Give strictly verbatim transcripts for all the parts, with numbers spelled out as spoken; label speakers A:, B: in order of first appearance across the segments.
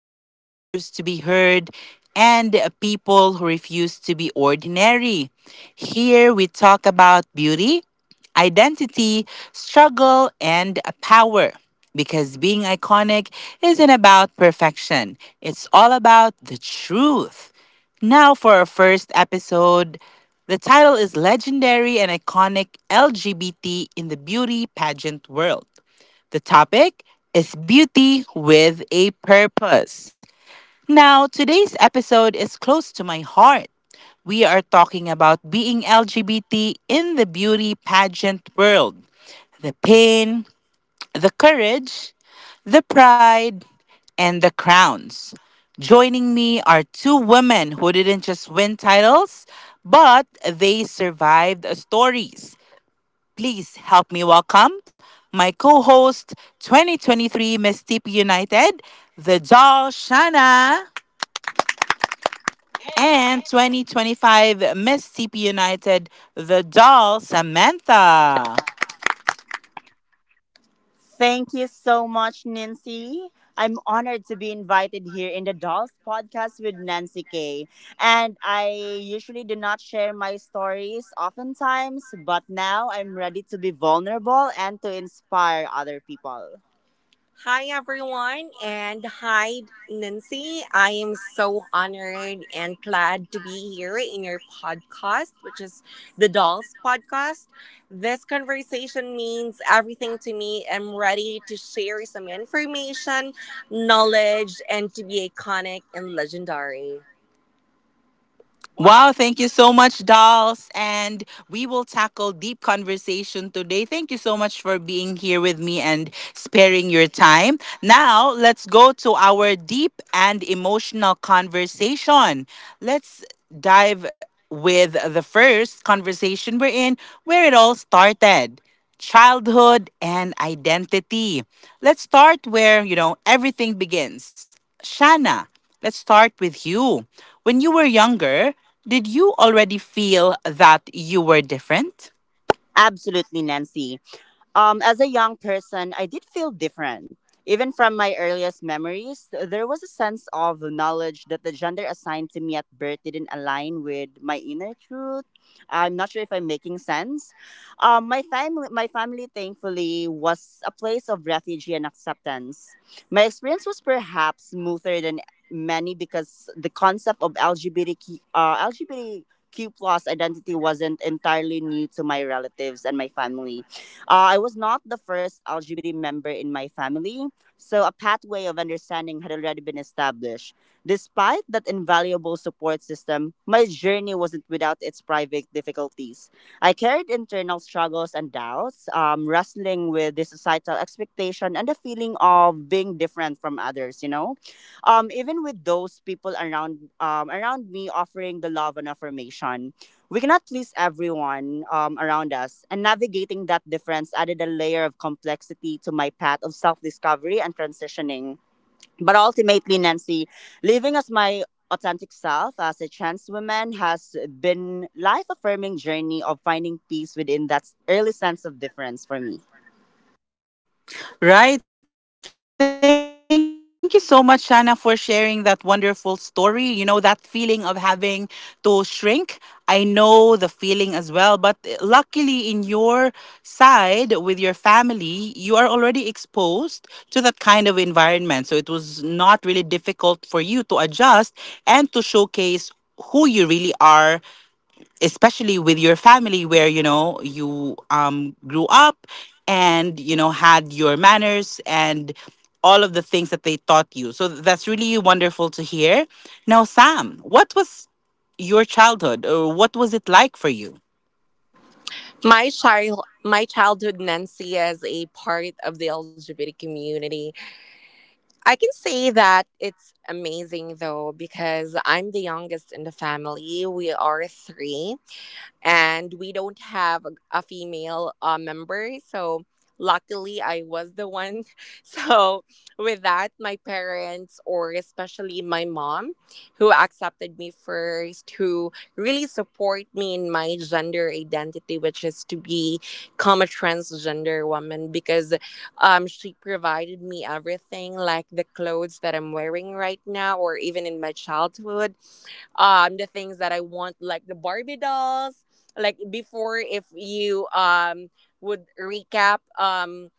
A: that deserves to be heard, and people who refuse to be ordinary. Here we talk about beauty, identity, struggle, and power. Because being iconic isn't about perfection, it's all about the truth. Now, for our first episode, the title is Legendary and Iconic L G B T in the Beauty Pageant World. The topic is Beauty with a Purpose. Now, today's episode is close to my heart. We are talking about being L G B T in the beauty pageant world, the pain, the courage, the pride, and the crowns. Joining me are two women who didn't just win titles, but they survived stories. Please help me welcome my co host, twenty twenty-three Miss T P United, the doll Shana. And twenty twenty-five Miss C P United, the doll, Samantha.
B: Thank you so much, Nancy. I'm honored to be invited here in the Dolls podcast with Nancy Kay. And I usually do not share my stories oftentimes, but now I'm ready to be vulnerable and to inspire other people. Hi, everyone, and hi, Nancy. I am so honored and glad to be here in your podcast, which is the Dolls Podcast. This conversation means everything to me. I'm ready to share some information, knowledge, and to be iconic and legendary.
A: Wow, thank you so much, dolls. And we will tackle deep conversation today. Thank you so much for being here with me and sparing your time. Now, let's go to our deep and emotional conversation. Let's dive with the first conversation we're in, where it all started. Childhood and identity. Let's start where, you know, everything begins. Shana, let's start with you. When you were younger, did you already feel that you were different?
B: Absolutely, Nancy. Um, as a young person, I did feel different. Even from my earliest memories, there was a sense of knowledge that the gender assigned to me at birth didn't align with my inner truth. I'm not sure if I'm making sense. Um, my family, my family, thankfully, was a place of refuge and acceptance. My experience was perhaps smoother than many because the concept of L G B T Q, uh, L G B T Q plus identity wasn't entirely new to my relatives and my family uh, I was not the first L G B T member in my family, so a pathway of understanding had already been established. Despite that invaluable support system, my journey wasn't without its private difficulties. I carried internal struggles and doubts, um, wrestling with the societal expectation and the feeling of being different from others, you know? Um, even with those people around um, around me offering the love and affirmation. We cannot please everyone um, around us, and navigating that difference added a layer of complexity to my path of self discovery and transitioning. But ultimately, Nancy, living as my authentic self as a trans woman has been life affirming journey of finding peace within that early sense of difference for me.
A: Right. Thank you so much, Shana, for sharing that wonderful story. You know, that feeling of having to shrink. I know the feeling as well, but eh, luckily in your side with your family, you are already exposed to that kind of environment. So it was not really difficult for you to adjust and to showcase who you really are, especially with your family where, you know, you um grew up and, you know, had your manners and all of the things that they taught you. So that's really wonderful to hear. Now, Sam, what was your childhood, or what was it like for you?
B: My child, my childhood, Nancy, as a part of the L G B T community, I can say that it's amazing, though, because I'm the youngest in the family. We are three and we don't have a, a female uh, member, so luckily I was the one so with that, my parents, or especially my mom, who accepted me first, who really support me in my gender identity, which is to be come a transgender woman, because um, she provided me everything, like the clothes that I'm wearing right now, or even in my childhood, um the things that I want, like the Barbie dolls. Like before, if you um would recap um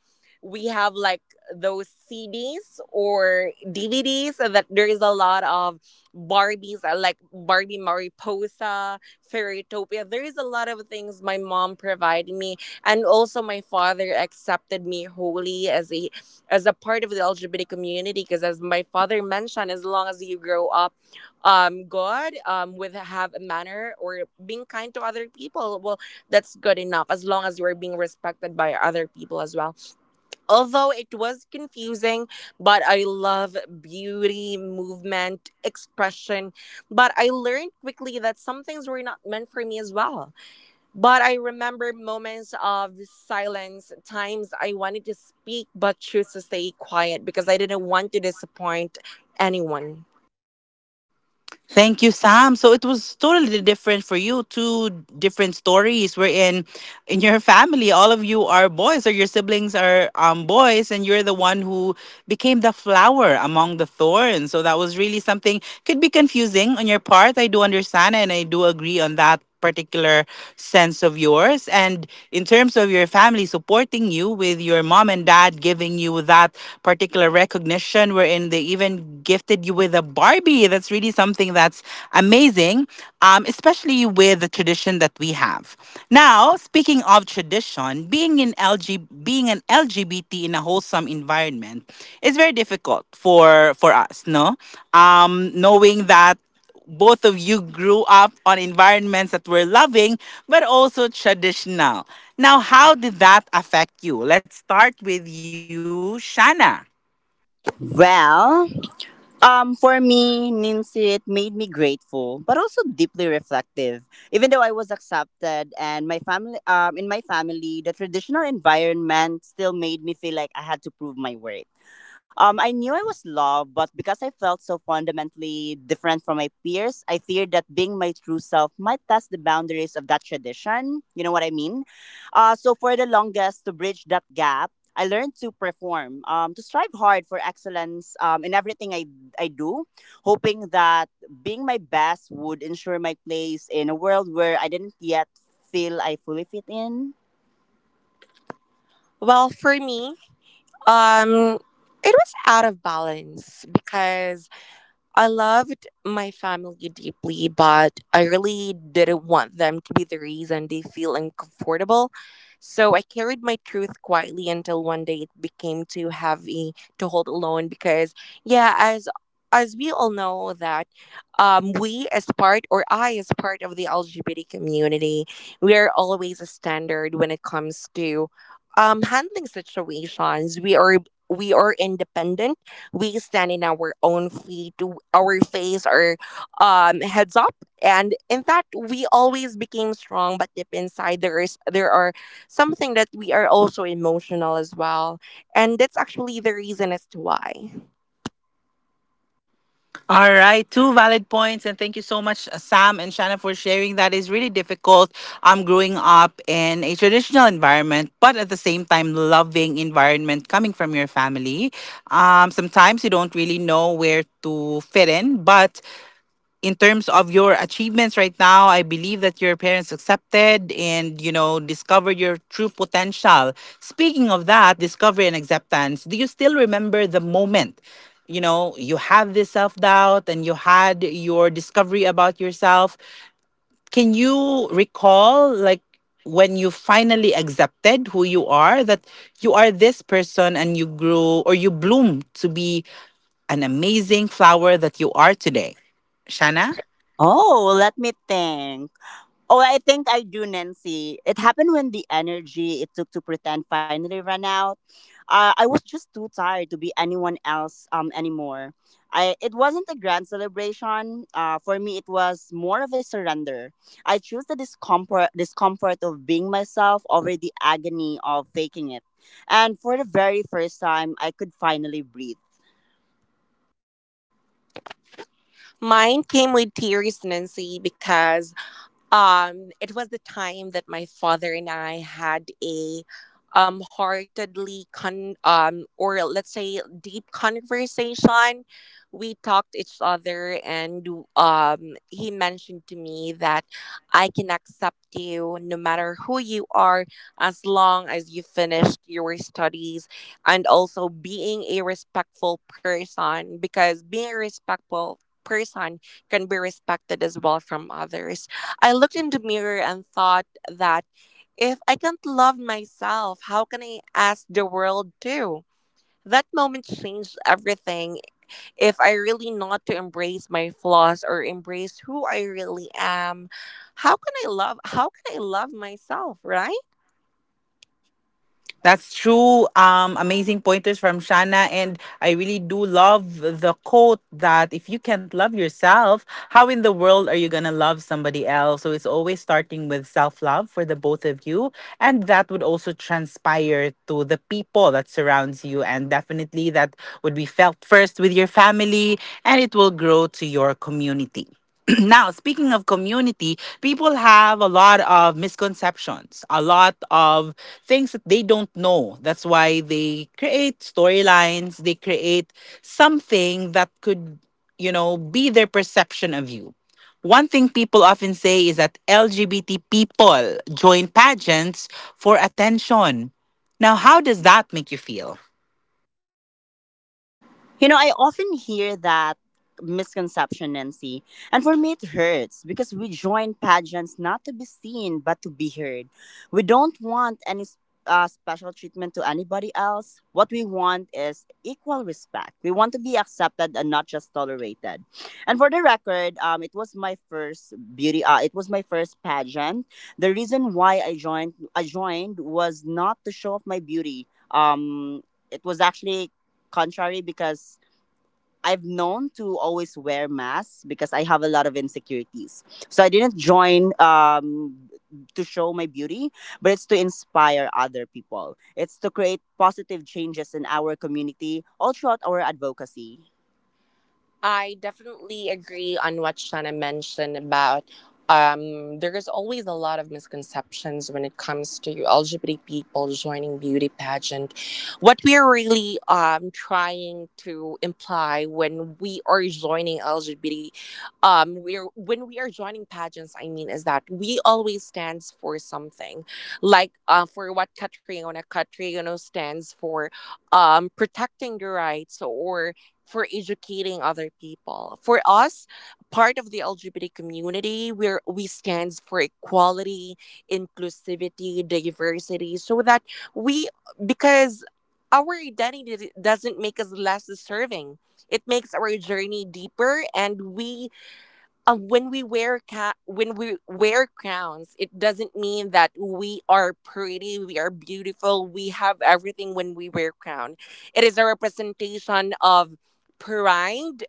B: we have like those C Ds or D V Ds that there is a lot of Barbies, uh, like Barbie Mariposa, Fairytopia. There is a lot of things my mom provided me, and also my father accepted me wholly as a as a part of the L G B T community, because as my father mentioned, as long as you grow up um good um with have a manner, or being kind to other people, well, that's good enough, as long as you're being respected by other people as well. Although it was confusing, but I love beauty movement expression, but I learned quickly that some things were not meant for me as well. But I remember moments of silence, times I wanted to speak but chose to stay quiet, because I didn't want to disappoint anyone.
A: Thank you, Sam. So it was totally different for you two, different stories wherein in your family all of you are boys, or your siblings are um boys, and you're the one who became the flower among the thorns. So that was really something, could be confusing on your part. I do understand and I do agree on that particular sense of yours. And in terms of your family supporting you, with your mom and dad giving you that particular recognition wherein they even gifted you with a Barbie, that's really something, that that's amazing, um, especially with the tradition that we have. Now, speaking of tradition, being in L G being an L G B T in a wholesome environment is very difficult for for us. No, um, knowing that both of you grew up on environments that were loving but also traditional. Now, how did that affect you? Let's start with you, Shana.
B: Well, Um, for me, Ninsi, it made me grateful, but also deeply reflective. Even though I was accepted and my family, um, in my family, the traditional environment still made me feel like I had to prove my worth. Um, I knew I was loved, but because I felt so fundamentally different from my peers, I feared that being my true self might test the boundaries of that tradition. You know what I mean? Uh, so for the longest, to bridge that gap, I learned to perform, um, to strive hard for excellence um, in everything I I do, hoping that being my best would ensure my place in a world where I didn't yet feel I fully fit in. Well, for me, um, it was out of balance because I loved my family deeply, but I really didn't want them to be the reason they feel uncomfortable. So I carried my truth quietly until one day it became too heavy to hold alone, because yeah, as as we all know that, um, we as part or I as part of the L G B T community, we are always a standard when it comes to, um, handling situations. We are we are independent, we stand in our own feet, our face our um, heads up, and in fact we always became strong, but deep inside there is there are something that we are also emotional as well, and that's actually the reason as to why.
A: All right, two valid points, and thank you so much, uh, Sam and Shanna, for sharing. That is really difficult. Um, growing up in a traditional environment, but at the same time, loving environment coming from your family. Um, sometimes you don't really know where to fit in, but in terms of your achievements right now, I believe that your parents accepted and, you know, discovered your true potential. Speaking of that, discovery and acceptance, do you still remember the moment? You know, you had this self doubt and you had your discovery about yourself. Can you recall, like, when you finally accepted who you are, that you are this person and you grew, or you bloomed to be an amazing flower that you are today? Shana?
B: Oh, let me think. Oh, I think I do, Nancy. It happened when the energy it took to pretend finally ran out. Uh, I was just too tired to be anyone else um, anymore. I, it wasn't a grand celebration. Uh, for me, it was more of a surrender. I chose the discomfort, discomfort of being myself over the agony of faking it. And for the very first time, I could finally breathe. Mine came with tears, Nancy, because Um, it was the time that my father and I had a um heartedly con um or let's say deep conversation. We talked each other, and um he mentioned to me that I can accept you no matter who you are, as long as you finished your studies, and also being a respectful person, because being a respectful person can be respected as well from others. I looked in the mirror and thought that if I can't love myself, how can I ask the world to? That moment changed everything. If I really not to embrace my flaws or embrace who I really am, how can I love how can I love myself, right?
A: That's true. Um, amazing pointers from Shana, and I really do love the quote that if you can't love yourself, how in the world are you gonna love somebody else? So it's always starting with self love for the both of you, and that would also transpire to the people that surrounds you, and definitely that would be felt first with your family, and it will grow to your community. Now, speaking of community, people have a lot of misconceptions, a lot of things that they don't know. That's why they create storylines, they create something that could, you know, be their perception of you. One thing people often say is that LGBT people join pageants for attention. Now, how does that make you feel?
B: You know, I often hear that misconception, Nancy. And for me, it hurts because we join pageants not to be seen, but to be heard. We don't want any s- uh, special treatment to anybody else. What we want is equal respect. We want to be accepted and not just tolerated. And for the record, um, it was my first beauty. Uh, it was my first pageant. The reason why I joined, I joined was not to show off my beauty. Um, it was actually contrary, because I've known to always wear masks because I have a lot of insecurities. So I didn't join, um, to show my beauty, but it's to inspire other people. It's to create positive changes in our community all throughout our advocacy. I definitely agree on what Shana mentioned about, um, there is always a lot of misconceptions when it comes to L G B T people joining beauty pageant. What we are really, um, trying to imply when we are joining L G B T, um, we're when we are joining pageants, I mean, is that we always stands for something. Like, uh, for what Catriona, Catriona stands for, um, protecting the rights or for educating other people. For us, part of the L G B T community, we're, we stands for equality, inclusivity, diversity, so that we, because our identity doesn't make us less deserving. It makes our journey deeper, and we, um, when we wear ca- when we wear crowns, it doesn't mean that we are pretty, we are beautiful, we have everything when we wear crown. It is a representation of pride,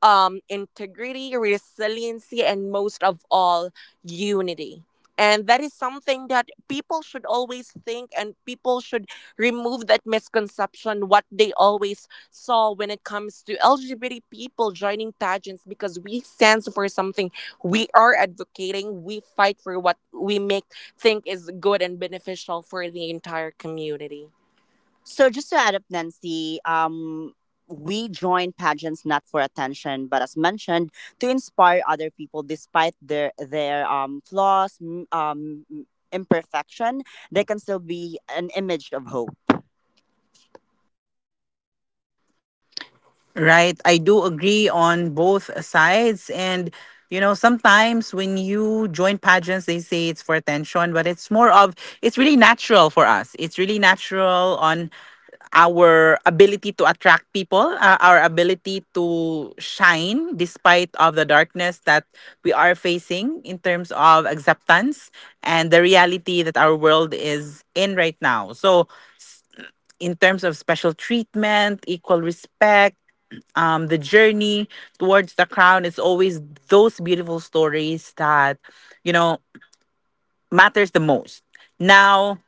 B: um, integrity, resiliency, and most of all, unity. And that is something that people should always think, and people should remove that misconception what they always saw when it comes to L G B T people joining pageants, because we stand for something, we are advocating, we fight for what we make think is good and beneficial for the entire community. So just to add up, Nancy, um, we join pageants not for attention, but as mentioned, to inspire other people despite their their um, flaws, m- um, m- imperfection, they can still be an image of hope.
A: Right. I do agree on both sides. And, you know, sometimes when you join pageants, they say it's for attention, but it's more of, it's really natural for us. It's really natural on our ability to attract people, uh, our ability to shine despite of the darkness that we are facing in terms of acceptance and the reality that our world is in right now. So, in terms of special treatment, equal respect, um, the journey towards the crown. It's always those beautiful stories that, you know, matters the most. Now,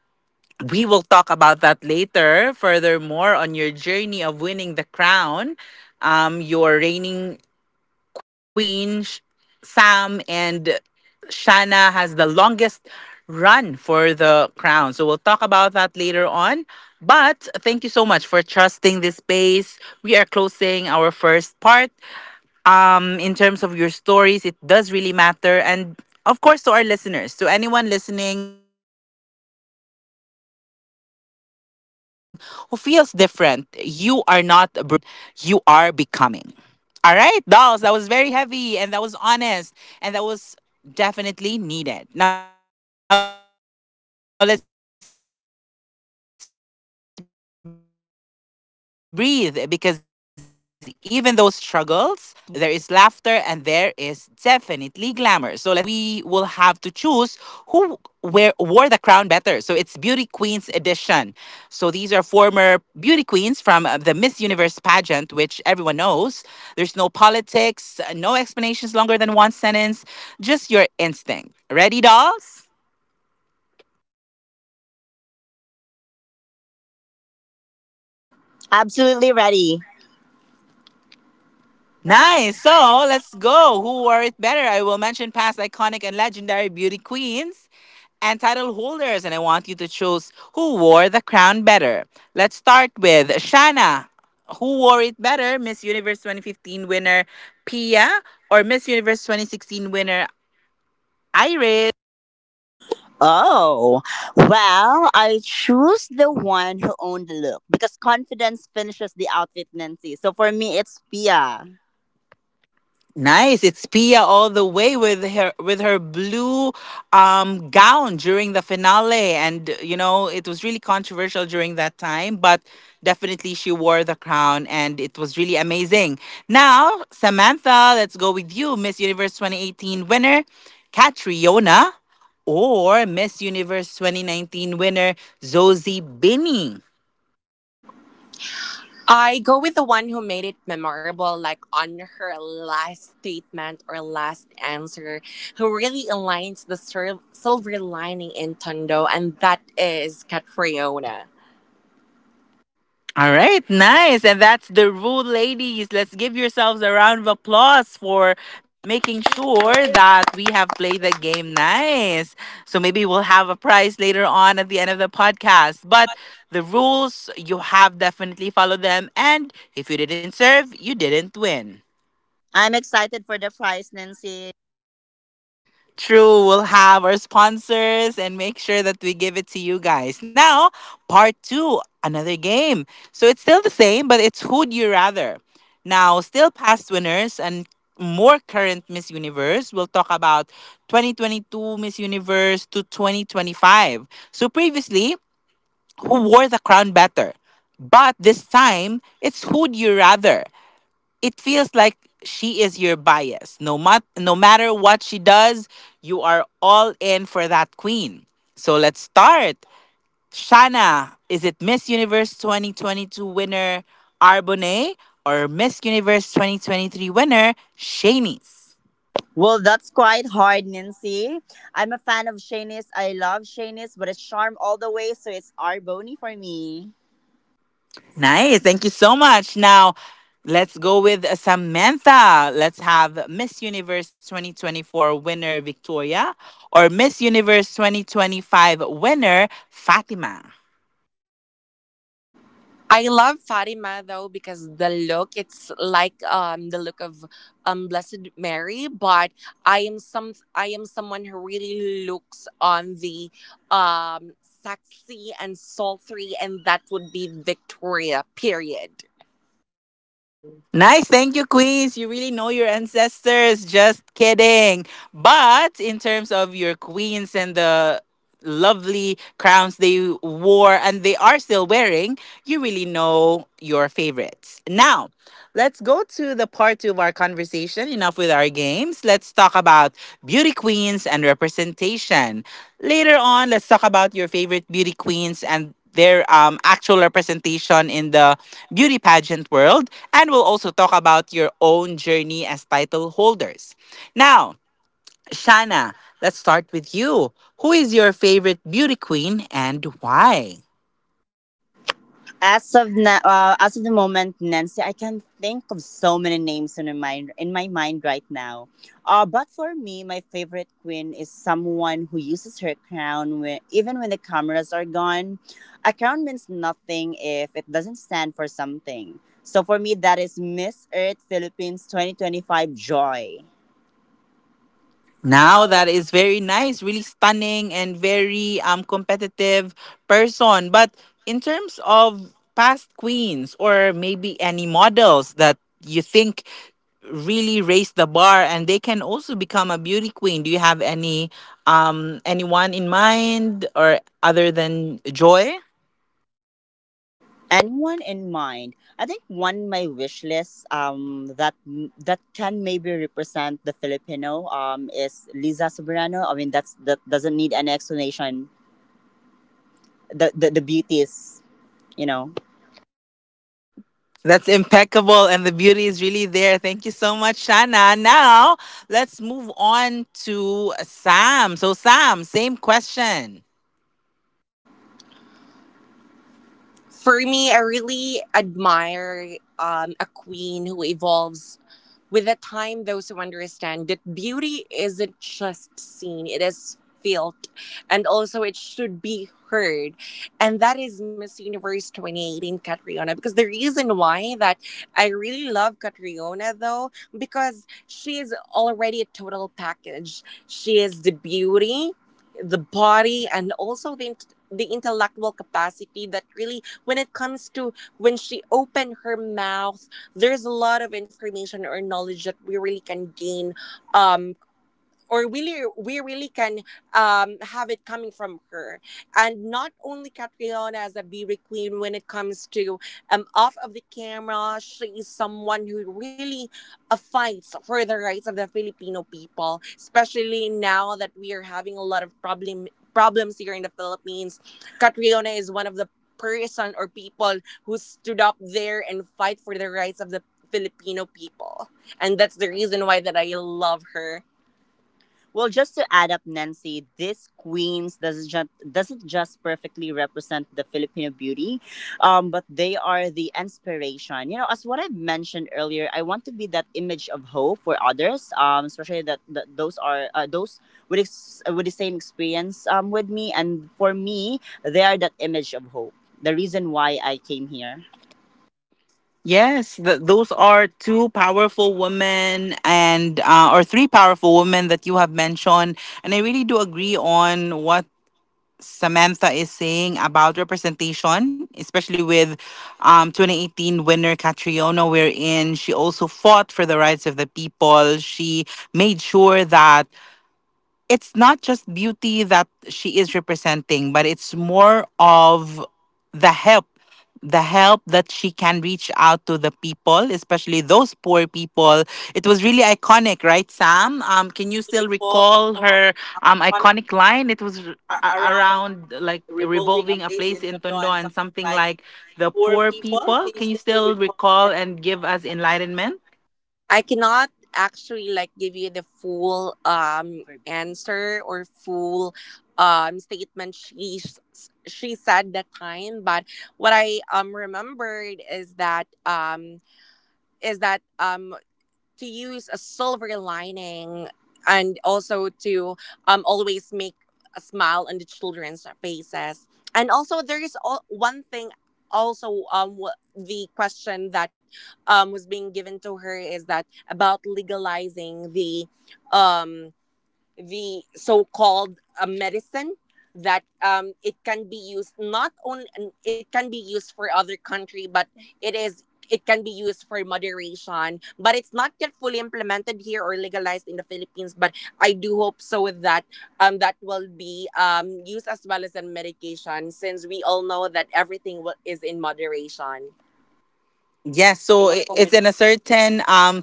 A: we will talk about that later. Furthermore, on your journey of winning the crown, um, your reigning queen, Sh- Sam, and Shana has the longest run for the crown. So we'll talk about that later on. But thank you so much for trusting this space. We are closing our first part. Um, in terms of your stories, it does really matter. And of course, to our listeners, to anyone listening who feels different, you are not broken. You are becoming. All right, dolls, that was very heavy and that was honest and that was definitely needed. Now let's breathe, because even those struggles are there, there is joy, there is laughter, and there is definitely glamour. So let's play Who Wore It Better? So in this segment, we will have to choose who wear, wore the crown better. So it's Beauty Queens edition. So these are former beauty queens from uh, the Miss Universe pageant, which everyone knows. There's no politics, no explanations longer than one sentence, just your instinct. Ready, dolls?
B: Absolutely ready.
A: Nice. So let's go. Who wore it better? I will mention past iconic and legendary beauty queens and title holders, and I want you to choose who wore the crown better. Let's start with Shana. Who wore it better, Miss Universe twenty fifteen winner Pia or Miss Universe twenty sixteen winner Iris?
B: Oh, well, I choose the one who owned the look, because confidence finishes the outfit, Nancy. So for me, it's Pia.
A: Nice. It's Pia all the way with her with her blue um gown during the finale, and you know it was really controversial during that time, but definitely she wore the crown and it was really amazing. Now, Samantha, let's go with you. Miss Universe twenty eighteen winner Catriona or Miss Universe twenty nineteen winner Zosie Binney.
B: I go with the one who made it memorable, like on her last statement or last answer, who really aligns the sil- silver lining in Tondo, and that is Catriona.
A: All right, nice. And that's the rule, ladies. Let's give yourselves a round of applause for making sure that we have played the game nice. So maybe we'll have a prize later on at the end of the podcast. But the rules, you have definitely followed them. And if you didn't serve, you didn't win.
B: I'm excited for the prize, Nancy.
A: True, we'll have our sponsors and make sure that we give it to you guys. Now, part two, another game. So it's still the same, but it's who'd you rather. Now, still past winners and more current Miss Universe. We'll talk about twenty twenty-two Miss Universe to twenty twenty-five. So previously, who wore the crown better? But this time, it's who'd you rather. It feels like she is your bias. No, mat- no matter what she does, you are all in for that queen. So let's start. Shana, is it Miss Universe twenty twenty-two winner Arbonne or Miss Universe twenty twenty-three winner Shanice?
B: Well, that's quite hard, Nancy. I'm a fan of Shanice. I love Shanice, but it's charm all the way, so it's Arboni for me.
A: Nice. Thank you so much. Now, let's go with Samantha. Let's have Miss Universe twenty twenty-four winner Victoria or Miss Universe twenty twenty-five winner Fatima.
B: I love Fatima, though, because the look it's like um the look of um Blessed Mary, but I am some I am someone who really looks on the um sexy and sultry, and that would be Victoria period.
A: Nice, thank you, Queens. You really know your ancestors. Just kidding. But in terms of your queens and the lovely crowns they wore and they are still wearing, you really know your favorites. Now, let's go to the part two of our conversation. Enough with our games. Let's talk about beauty queens and representation. Later on, let's talk about your favorite beauty queens and their um, actual representation in the beauty pageant world. And we'll also talk about your own journey as title holders. Now, Shana, let's start with you. Who is your favorite beauty queen and why?
B: As of na- uh, as of the moment, Nancy, I can think of so many names in my mind in my mind right now. Uh, but for me, my favorite queen is someone who uses her crown when, even when the cameras are gone. A crown means nothing if it doesn't stand for something. So for me, that is Miss Earth Philippines twenty twenty-five Joy.
A: Now that is very nice, really stunning and very um competitive person. But in terms of past queens, or maybe any models that you think really raise the bar and they can also become a beauty queen. Do you have any um anyone in mind or other than Joy?
B: Anyone in mind. I think one my wish list um that that can maybe represent the Filipino um is Liza Soberano. I mean that's that doesn't need any explanation. The the, the beauty is you know
A: That's impeccable, and the beauty is really there. Thank you so much, Shana. Now let's move on to Sam. So, Sam, same question.
B: for me, I really admire um, a queen who evolves with the time. Those who understand that beauty isn't just seen, it is felt, and also it should be heard. And that is Miss Universe twenty eighteen Catriona. Because the reason why that I really love Catriona though, because she is already a total package. She is the beauty, the body, and also the int- the intellectual capacity that really when it comes to when she opened her mouth, there's a lot of information or knowledge that we really can gain um or really we really can um, have it coming from her, and not only Catriona as a beauty queen when it comes to, um, off of the camera she is someone who really uh, fights for the rights of the Filipino people, especially now that we are having a lot of problem problems here in the Philippines. Catriona is one of the person or people who stood up there and fight for the rights of the Filipino people, and that's the reason why that I love her. Well, just to add up, Nancy, this queens doesn't just doesn't just perfectly represent the Filipino beauty, um, but they are the inspiration. You know, as what I mentioned earlier, I want to be that image of hope for others, um, especially that, that those are uh, those with ex- with the same experience, um, with me, and for me, they are that image of hope. The reason why I came here.
A: Yes, th- those are two powerful women, and uh, or three powerful women that you have mentioned, and I really do agree on what Samantha is saying about representation, especially with um, twenty eighteen winner Catriona, wherein she also fought for the rights of the people. She made sure that it's not just beauty that she is representing, but it's more of the help, the help that she can reach out to the people, especially those poor people. It was really iconic, right, Sam? Um, can you still
B: People
A: recall her um
B: chronic
A: iconic line? It was a-
B: around
A: around like
B: revolving a
A: revolving a
B: place
A: place
B: in
A: in
B: Tondo
A: Tondo
B: and
A: and
B: something
A: something
B: like
A: like the
B: poor
A: poor
B: people
A: people. Can you
B: still.
A: still recall and give us enlightenment?
B: I cannot actually like give you the full um answer or full um statement she s- she said that time, but what I um remembered is that um is that um to use a silver lining, and also to, um, always make a smile on the children's faces. And also, there is all, one thing also um wh- the question that um was being given to her is that about legalizing the, um the so-called uh, medicine that, um, it can be used not only it can be used for other country but it is it can be used for moderation but it's not yet fully implemented here or legalized in the Philippines, but I do hope so that, um, that will be, um, used as well as in medication, since we all know that everything will, is in moderation.
A: Yes, so i- it's in a certain um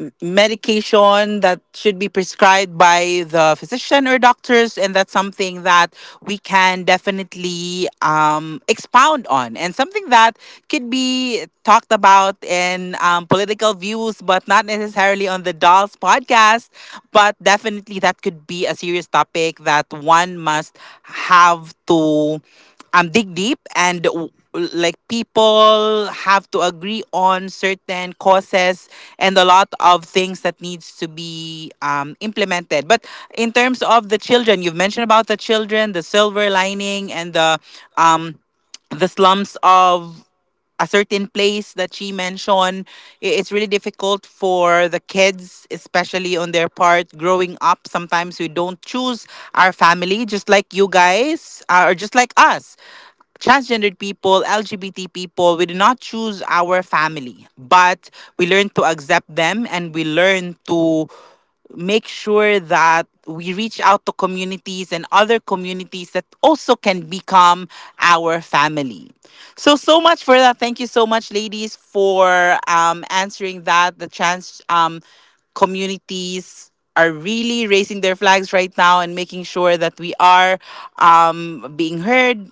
A: m- medication that should be prescribed by the physician or doctors, and that's something that we can definitely um, expound on, and something that could be talked about in um, political views, but not necessarily on the Dolls Podcast. But definitely that could be a serious topic that one must have to um dig deep, and w- like, people have to agree on certain causes and a lot of things that needs to be um, implemented. But in terms of the children you've mentioned, about the children, the silver lining, and the um the slums of a certain place that she mentioned. i- It's really difficult for the kids, especially on their part, growing up. Sometimes we don't choose our family, just like you guys, uh, or just like us transgendered people, L G B T people. We do not choose our family, but we learn to accept them, and we learn to make sure that we reach out to communities and other communities that also can become our family. So, so much for that. Thank you so much, ladies, for um, answering that. The trans um, communities are really raising their flags right now and making sure that we are um, being heard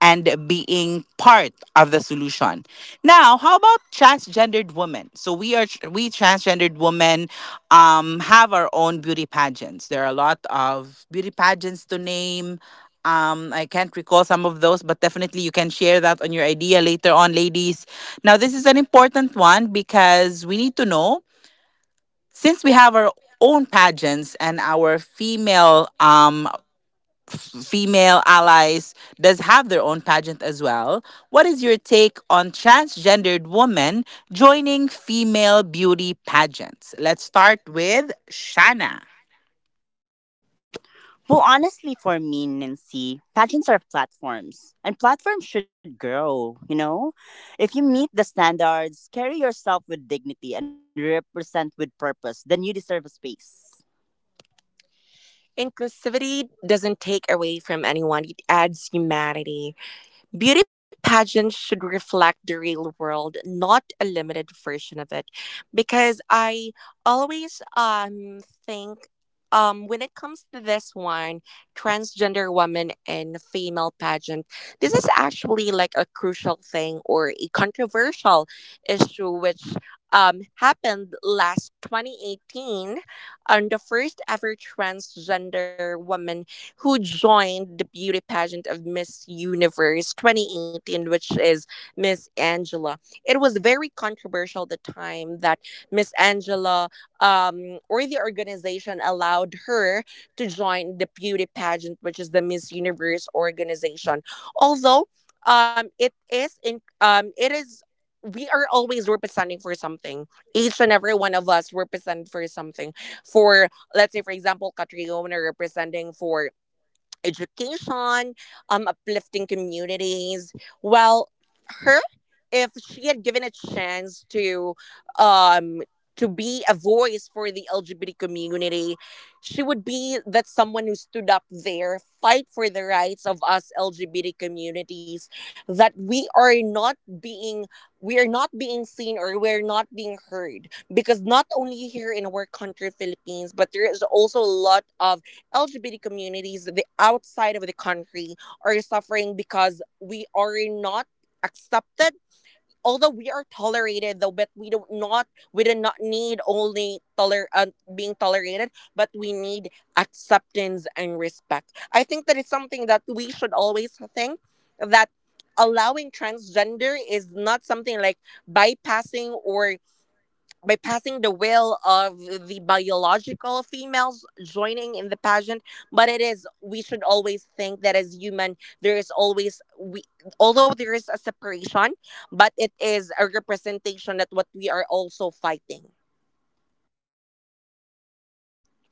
A: and being part of the solution. Now, how about transgendered women? So we are, we transgendered women um, have our own beauty pageants. There are a lot of beauty pageants to name. Um, I can't recall some of those, but definitely you can share that on your idea later on, ladies. Now, this is an important one because we need to know, since we have our own pageants and our female um, female allies does have their own pageant as well. What is your take on transgendered women joining female beauty pageants? Let's start with Shanna.
B: Well, honestly, for me, Nancy, pageants are platforms, and platforms should grow, you know? If you meet the standards, carry yourself with dignity, and represent with purpose, then you deserve a space. Inclusivity doesn't take away from anyone, it adds humanity. Beauty pageants should reflect the real world, not a limited version of it. Because I always um think um when it comes to this one, transgender woman in female pageant, this is actually like a crucial thing or a controversial issue which um happened last twenty eighteen, on the first ever transgender woman who joined the beauty pageant of Miss Universe twenty eighteen, which is Miss Angela. It was very controversial at the time that Miss Angela, um, or the organization allowed her to join the beauty pageant, which is the Miss Universe organization. Although, um, it is in um, it is, we are always representing for something. Each and every one of us represent for something. For, let's say for example, Catriona representing for education, um, uplifting communities. Well, her, if she had given a chance to, um, to be a voice for the L G B T community, she would be that someone who stood up there, fight for the rights of us L G B T communities, that we are not being we are not being seen or we're not being heard. Because not only here in our country, Philippines, but there is also a lot of L G B T communities the outside of the country are suffering because we are not accepted. Although we are tolerated, though, but we don't not we do not need only toler uh, being tolerated, but we need acceptance and respect. I think that is something that we should always think that allowing transgender is not something like bypassing or by passing the will of the biological females joining in the pageant, but it is we should always think that as human there is always we, although there is a separation, but it is a representation that what we are also fighting.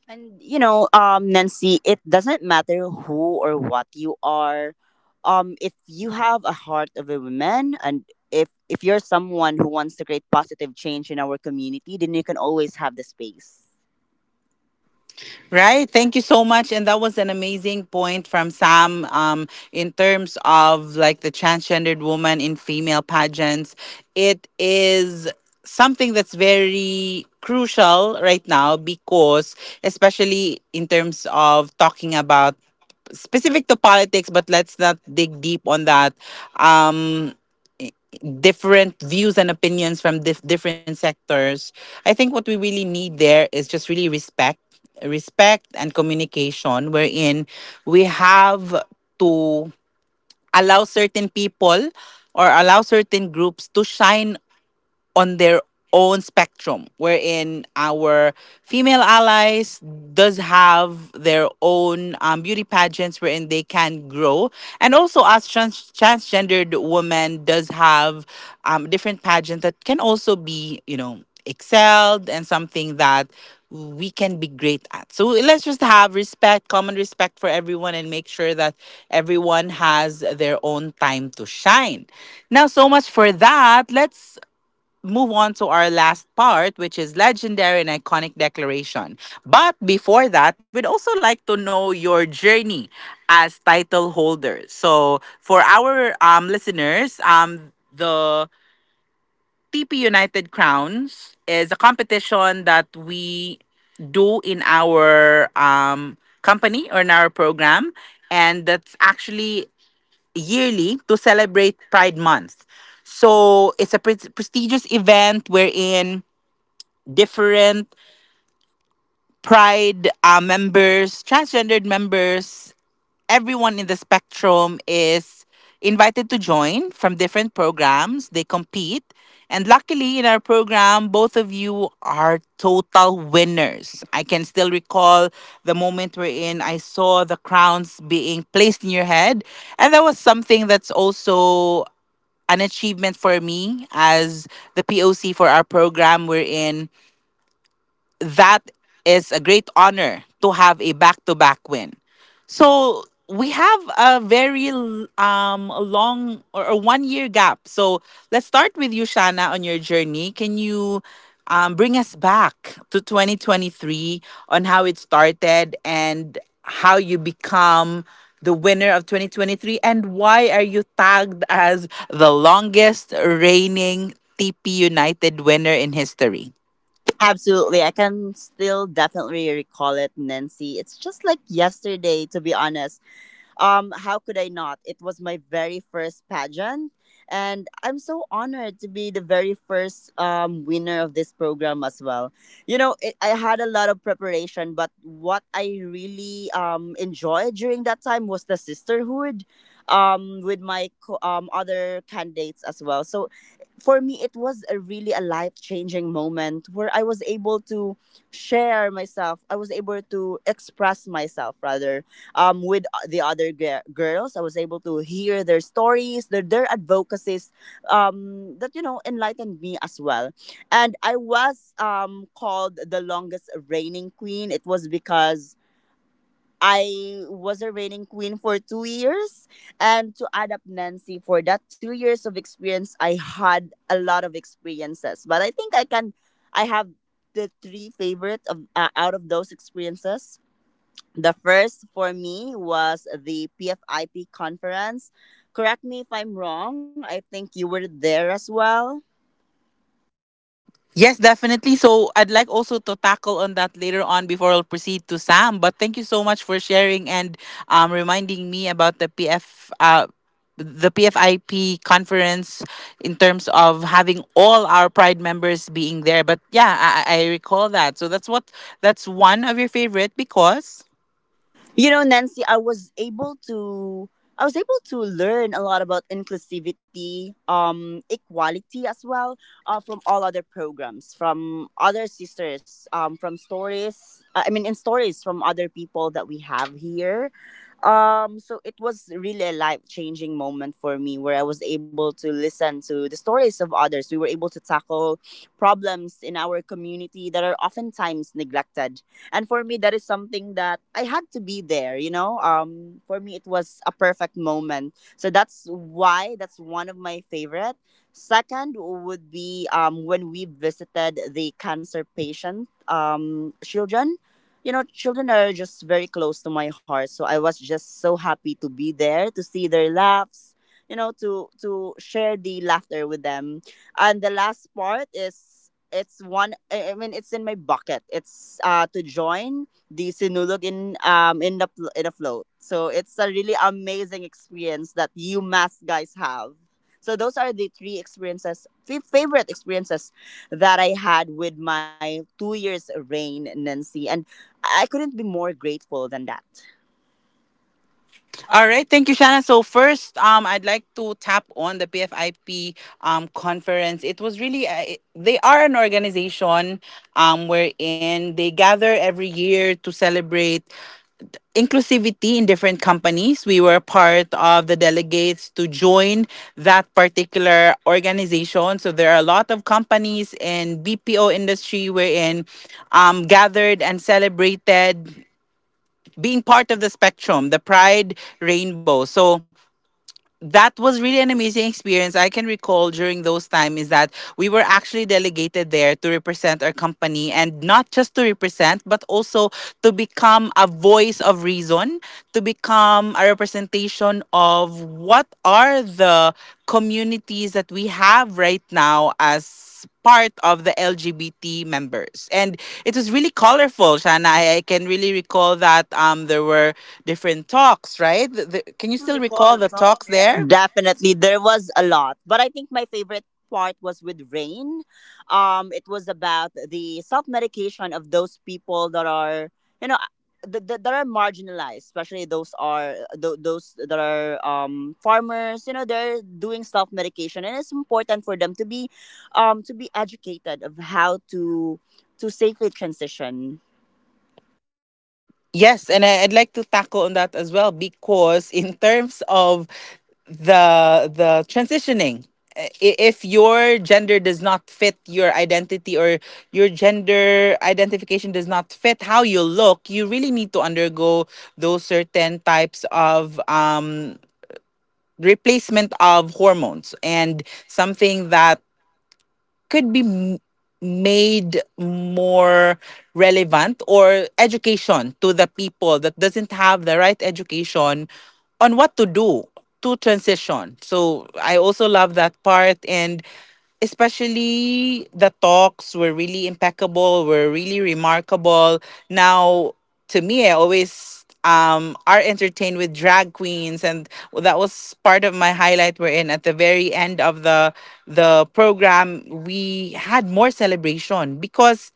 B: And you know, um, Nancy, it doesn't matter who or what you are. Um, if you have a heart of a woman, and if if you're someone who wants to create positive change in our community, then you can always have the space.
A: Right. Thank you so much. And that was an amazing point from Sam um, in terms of like the transgendered woman in female pageants. It is something that's very crucial right now because, especially in terms of talking about specific to politics, but let's not dig deep on that. Um, different views and opinions from dif- different sectors. I think what we really need there is just really respect, respect and communication, wherein we have to allow certain people or allow certain groups to shine on their own spectrum, wherein our female allies does have their own um, beauty pageants wherein they can grow, and also as trans- transgendered women does have um, different pageants that can also be, you know, excelled and something that we can be great at. So let's just have respect, common respect for everyone, and make sure that everyone has their own time to shine. Now, so much for that. Let's move on to our last part, which is legendary and iconic declaration. But before that, we'd also like to know your journey as title holder. So for our um, listeners, um, the T P United Crowns is a competition that we do in our um, company or in our program, and that's actually yearly, to celebrate Pride Month. So it's a pre- prestigious event wherein different pride uh, members, transgendered members, everyone in the spectrum is invited to join from different programs. They compete. And luckily, in our program, both of you are total winners. I can still recall the moment wherein I saw the crowns being placed in your head. And that was something that's also an achievement for me as the P O C for our program, We're in that is a great honor to have a back to back win. So we have a very l- um long or a one year gap. So let's start with you, Shana, on your journey. Can you um, bring us back to twenty twenty-three on how it started and how you become the winner of twenty twenty-three, and why are you tagged as the longest reigning T P United winner in history?
B: Absolutely. I can still definitely recall it, Nancy. It's just like yesterday, to be honest. Um, how could I not? It was my very first pageant, and I'm so honored to be the very first, um, winner of this program as well. You know, it, I had a lot of preparation, but what I really, um, enjoyed during that time was the sisterhood, um, with my co- um, other candidates as well. So for me, it was a really a life changing moment where I was able to share myself. I was able to express myself rather, um, with o- the other gir- girls. I was able to hear their stories, their, their advocacies, um, that, you know, enlightened me as well. And I was, um, called the longest reigning queen. It was because I was a reigning queen for two years. And to add up Nancy, for that two years of experience, I had a lot of experiences. But I think I can, I have the three favorite of uh, out of those experiences. The first for me was the P F I P conference. Correct me if I'm wrong. I think you were there as well.
A: Yes, definitely. So I'd like also to tackle on that later on before I'll proceed to Sam. But thank you so much for sharing and um, reminding me about the P F. Uh, the P F I P conference, in terms of having all our Pride members being there. But yeah, I, I I recall that. So that's what, that's one of your favorite, because.
B: You know, Nancy, I was able to I was able to learn a lot about inclusivity, um, equality as well, uh, from all other programs, from other sisters, um, from stories. uh, I mean, in stories from other people that we have here. Um, so it was really a life changing moment for me where I was able to listen to the stories of others. We were able to tackle problems in our community that are oftentimes neglected. And for me, that is something that I had to be there, you know? Um, for me, it was a perfect moment. So that's why that's one of my favorite. Second would be, um, when we visited the cancer patient, um, children. You know, children are just very close to my heart. So I was just so happy to be there, to see their laughs, you know, to to share the laughter with them. And the last part is it's one, I I mean it's in my bucket. It's uh to join the sinulog in, um, in the pl- in the float. So it's a really amazing experience that you mass guys have. So those are the three experiences, f- favorite experiences that I had with my two years reign, Nancy. And I couldn't be more grateful than that. Still
A: All right, thank you, Shanna. So first, um, I'd like to tap on the P F I P um conference. It was really uh, it- they are an organization um wherein they gather every year to celebrate inclusivity in different companies. We were part of the delegates to join that particular organization. So there are a lot of companies in B P O industry wherein um gathered and celebrated being part of the spectrum, the pride rainbow. So that was really an amazing experience. I can recall during those time is that we were actually delegated there to represent our company, and not just to represent, but also to become a voice of reason, to become a representation of what are the communities that we have right now as part of the L G B T members. And it was really colorful, Shana. I, I can really recall that um, there were different talks, right? The, the, can you still
B: recall
A: recall
B: the
A: the
B: talk
A: talks
B: there?
A: there?
B: Definitely, there was a lot, but I think my favorite part was with Rain. Um, it was about the self medication of those people that are, you know, th- th- that are marginalized, especially those are th- those that are, um, farmers. You know, they're doing self medication, and it's important for them to be, um, to be educated of how to to safely transition
A: Yes, and I, I'd like to tackle on that as well, because in terms of the the transitioning, I- if your gender does not fit your identity, or your gender identification does not fit how you look, you really need to undergo those certain types of um replacement of hormones, and something that could be m- made more relevant, or education to the people that doesn't have the right education on what to do to transition. So I also love that part, and especially the talks were really impeccable, were really remarkable. Now, to me, I always um, are entertained with drag queens, and that was part of my highlight, We're in at the very end of the the program, we had more celebration because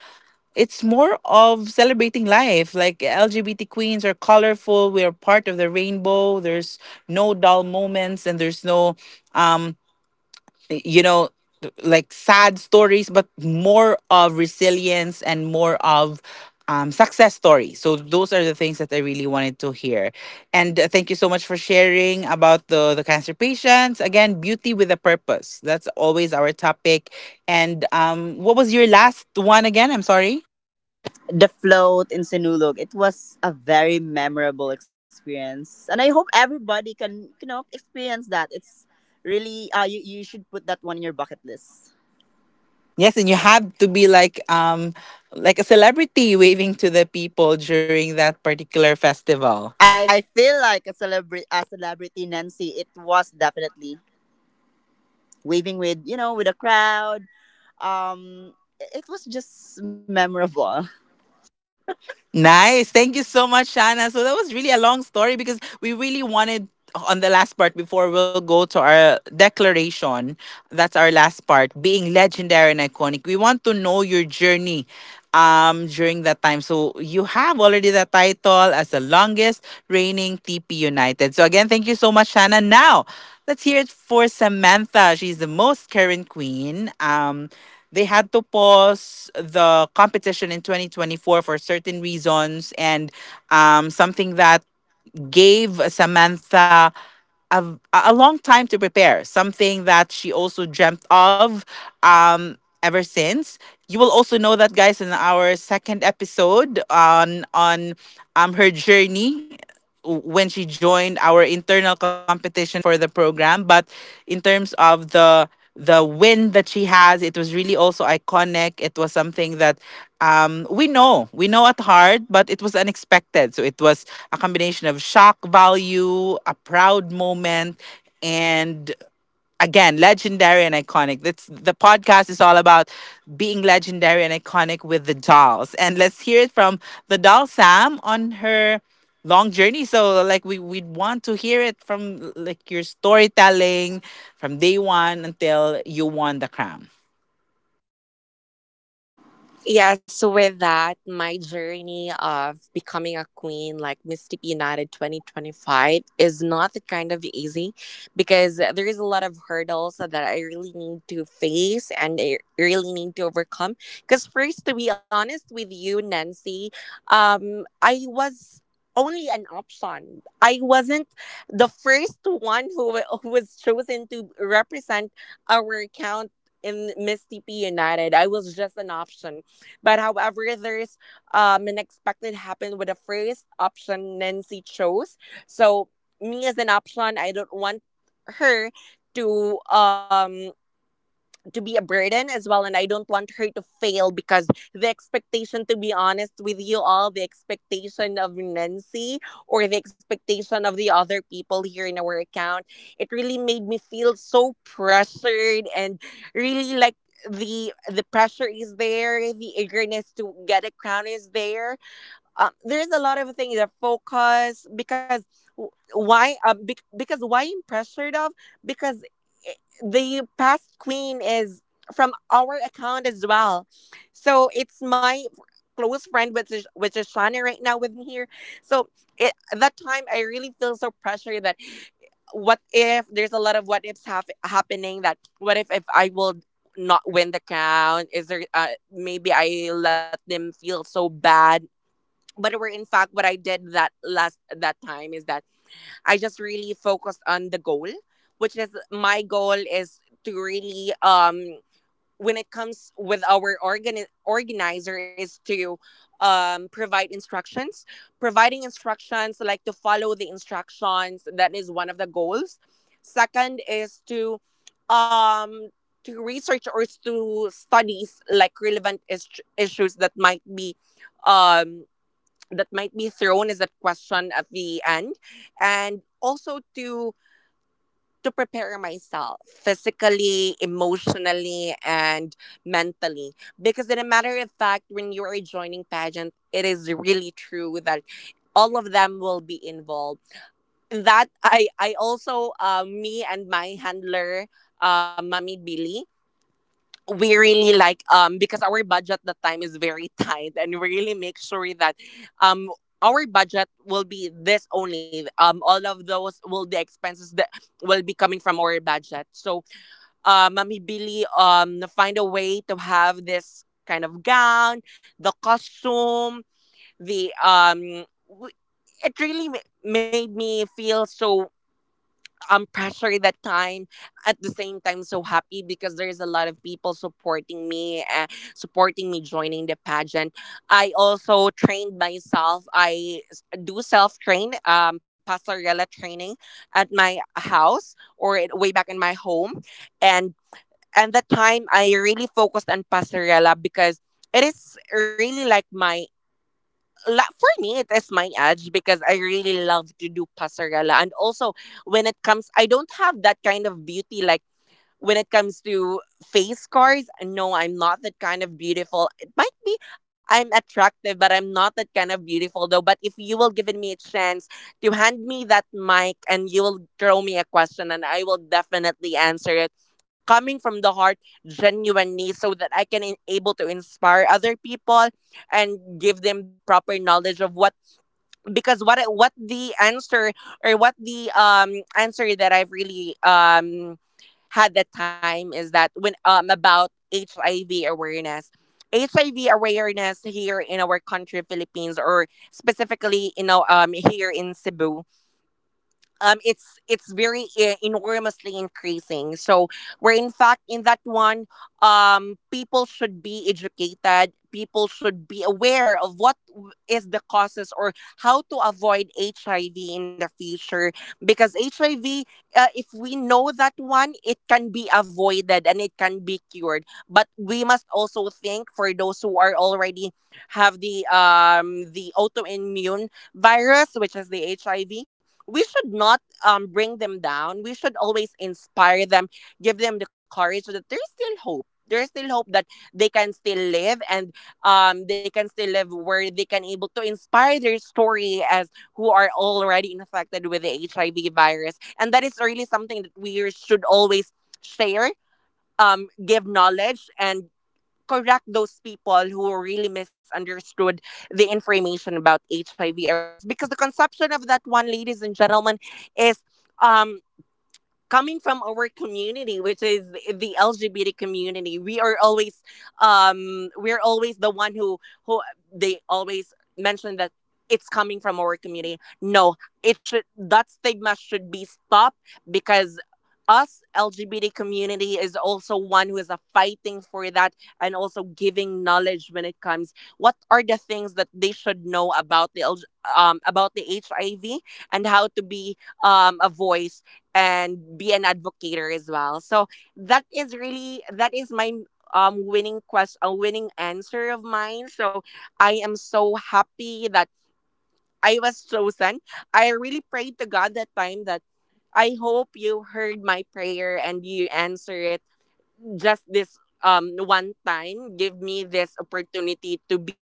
A: it's more of celebrating life. Like L G B T queens are colorful. We are part of the rainbow. There's no dull moments, and there's no um you know like sad stories, but more of resilience and more of um, success stories. So those are the things that I really wanted to hear. And uh, thank you so much for sharing about the the cancer patients. Again, beauty with a purpose, that's always our topic. And um what was your last one again? I'm sorry.
B: the float in Sinulog. It was a very memorable experience, and I hope everybody can, you know, experience that. It's really, uh, you you should put that one in your bucket list.
A: Yes, and you have to be like um like a celebrity waving to the people during that particular festival.
B: I feel like a celebrity, a celebrity Nancy. It was definitely waving with, you know, with a crowd. Um, it was just memorable.
A: Nice. Thank you so much, Shana. So that was really a long story because we really wanted, on the last part before we'll go to our declaration, that's our last part, being legendary and iconic. We want to know your journey um during that time. So you have already the title as the longest reigning T P United. So again, thank you so much, Shana. Now let's hear it for Samantha. She's the most current queen. Um they had to pause the competition in twenty twenty-four for certain reasons, and um, something that gave Samantha a, a long time to prepare, something that she also dreamt of um, ever since. You will also know that, guys, in our second episode, on on um, her journey when she joined our internal competition for the program. But in terms of the the win that she has, it was really also iconic. It was something that um, we know, we know at heart, but it was unexpected. So it was a combination of shock value, a proud moment, and again, legendary and iconic. That's the podcast is all about, being legendary and iconic with the Dolls. And let's hear it from the doll Sam on her long journey. So like, we we want to hear it from like your storytelling, from day one until you won the crown.
B: Yeah, so with that, my journey of becoming a queen like Miss T P United twenty twenty-five is not that kind of easy because there is a lot of hurdles that I really need to face and I really need to overcome. Because first, to be honest with you, Nancy, um, I was only an option. I wasn't the first one who, wa- who was chosen to represent our account in Miss T P United. I was just an option, but however, there's, um, an expected happened with the first option Nancy chose. So me as an option, I don't want her to um to be a burden as well, and I don't want her to fail because the expectation, to be honest with you, all the expectation of Nancy or the expectation of the other people here in our account, it really made me feel so pressured. And really, like, the the pressure is there, the eagerness to get a crown is there. Um, there's a lot of things that focus because w- why um, bec because why I'm pressured of because i- the past queen is from our account as well. So it's my close friend, which is which is Shana, right now with me here. So it, that time I really feel so pressured that what if there's a lot of what ifs hap- happening, that what if if I will not win the crown is there. Uh, maybe I let them feel so bad, but were in fact what I did that last that time is that I just really focused on the goal, which is my goal is to really, um when it comes with our organ organizer, is to um provide instructions. Providing instructions, like, to follow the instructions, that is one of the goals. Second is to um to research or to studies, like, relevant is- issues that might be, um that might be thrown as a question at the end. And also to to prepare myself physically, emotionally and mentally, because in a matter of fact, when you are joining pageant, it is really true that all of them will be involved. That i i also, uh, me and my handler, uh, Mommy Billy, we really, like, um because our budget that time is very tight, and we really make sure that um our budget will be this only, um all of those will, the expenses that will be coming from our budget. So uh Mommy Billy um find a way to have this kind of gown, the costume, the um w- it really ma- made me feel so um pressure that time, at the same time so happy because there's a lot of people supporting me uh, supporting me joining the pageant. I also trained myself. I s- do self train, um pasarela training at my house, or in- way back in my home. And and that time I really focused on pasarela because it is really, like, my la- for me, it is my edge, because I really love to do pasarela. And also, when it comes, I don't have that kind of beauty, like, when it comes to face scars, no, I'm not that kind of beautiful. It might be I'm attractive, but I'm not that kind of beautiful though. But if you will give me a chance to hand me that mic, and you will throw me a question, and I will definitely answer it coming from the heart genuinely, so that I can in- able to inspire other people and give them the proper knowledge of what, because what I- what the answer or what the um answer that I've really um had that time is that when, um about H I V awareness. H I V awareness here in our country, Philippines, or specifically, you know, um, here in Cebu, um it's it's very, uh, enormously increasing. So we're in fact in that one, um people should be educated, people should be aware of what w- is the causes or how to avoid H I V in the future, because H I V, uh, if we know that one, it can be avoided and it can be cured. But we must also think for those who are already have the um the autoimmune virus, which is the H I V. We should not um bring them down. We should always inspire them, give them the courage that there's still hope. There's still hope that they can still live, and um they can still live where they can able to inspire their story as who are already infected with the H I V virus. And that is really something that we should always share, um give knowledge, and correct those people who really misunderstood the information about H I V awareness. Because the conception of that one, ladies and gentlemen, is, um coming from our community, which is the L G B T community. We are always, um we're always the one who who they always mention that it's coming from our community. No, it should, that stigma should be stopped. Because us L G B T community is also one who is a fighting for that, and also giving knowledge when it comes what are the things that they should know about the L G, um about the H I V, and how to be, um, a voice and be an advocator as well. So that is really, that is my um winning quest a winning answer of mine. So I am so happy that I was chosen. I really prayed to God that time that I hope you heard my prayer and you answer it just this um one time, give me this opportunity to be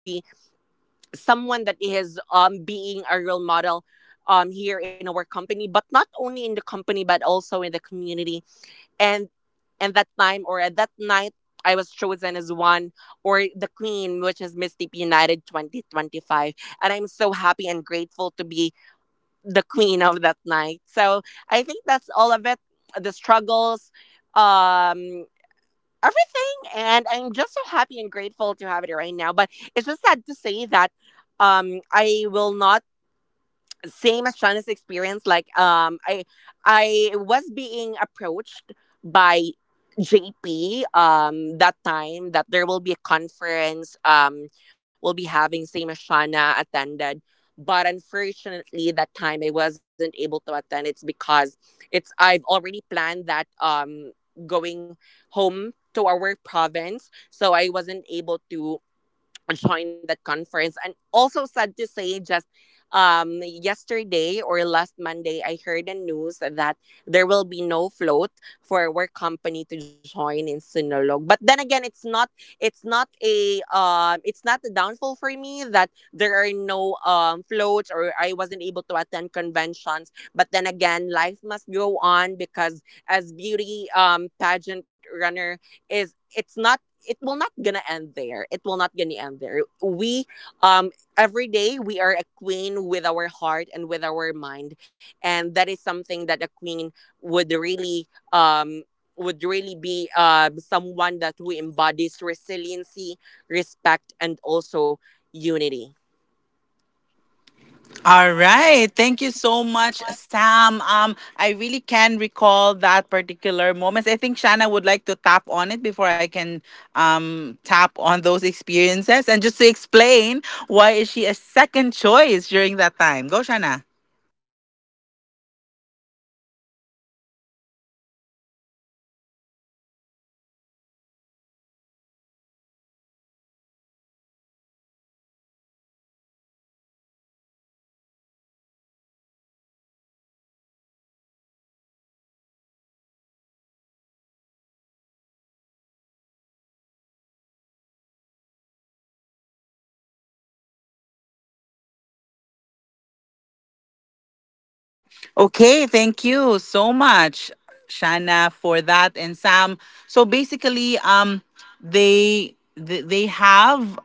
B: someone that is, um being a role model um here in our company, but not only in the company but also in the community. And and that time, or at that night, I was chosen as one or the queen, which is Miss T P United twenty twenty-five. And I'm so happy and grateful to be the queen of that night. So I think that's all of it. The struggles, um, everything. And I'm just so happy and grateful to have it right now. But it's just sad to say that, um, I will not, same as Shauna's experience, like, um I I was being approached by J P, um that time that there will be a conference. Um we'll be having same as Shauna attended. But unfortunately that time I wasn't able to attend. It's because it's I've already planned that, um going home to our province. So I wasn't able to join that conference. And also sad to say, just, um, yesterday or last Monday, I heard the news that there will be no float for our company to join in Sinulog. But then again, it's not, it's not a um it's not a downfall for me that there are no um floats, or I wasn't able to attend conventions. But then again, life must go on, because as beauty um pageant runner, is, it's not, it will not gonna end there. It will not gonna end there. We, um every day we are a queen with our heart and with our mind. And that is something that a queen would really um would really be um someone that who embodies resiliency, respect, and also unity.
A: All
B: All right.
A: right. Thank you so
B: So
A: much,
B: much,
A: Sam. Um, I really can recall that particular moment. I think Shanna would like to tap on it before I can um
B: um
A: tap
B: tap
A: on
B: on.
A: those experiences and just to explain why is she a second choice during that time. Go, Shanna.
B: No, I was actually also there, um, when Sam won the crown. Uh, I definitely relate to those struggles, Sam. But despite all those struggles, you shined s- so much. So, so I really knew that you were gonna win that night. Um, especially that you excelled so much in Q and A, um, aligning with your advocacy as well. So congratulations! I was I'm I'm definitely so proud of you.
A: Okay, thank you so much, Shanna, for that and Sam. So basically, um, they they they have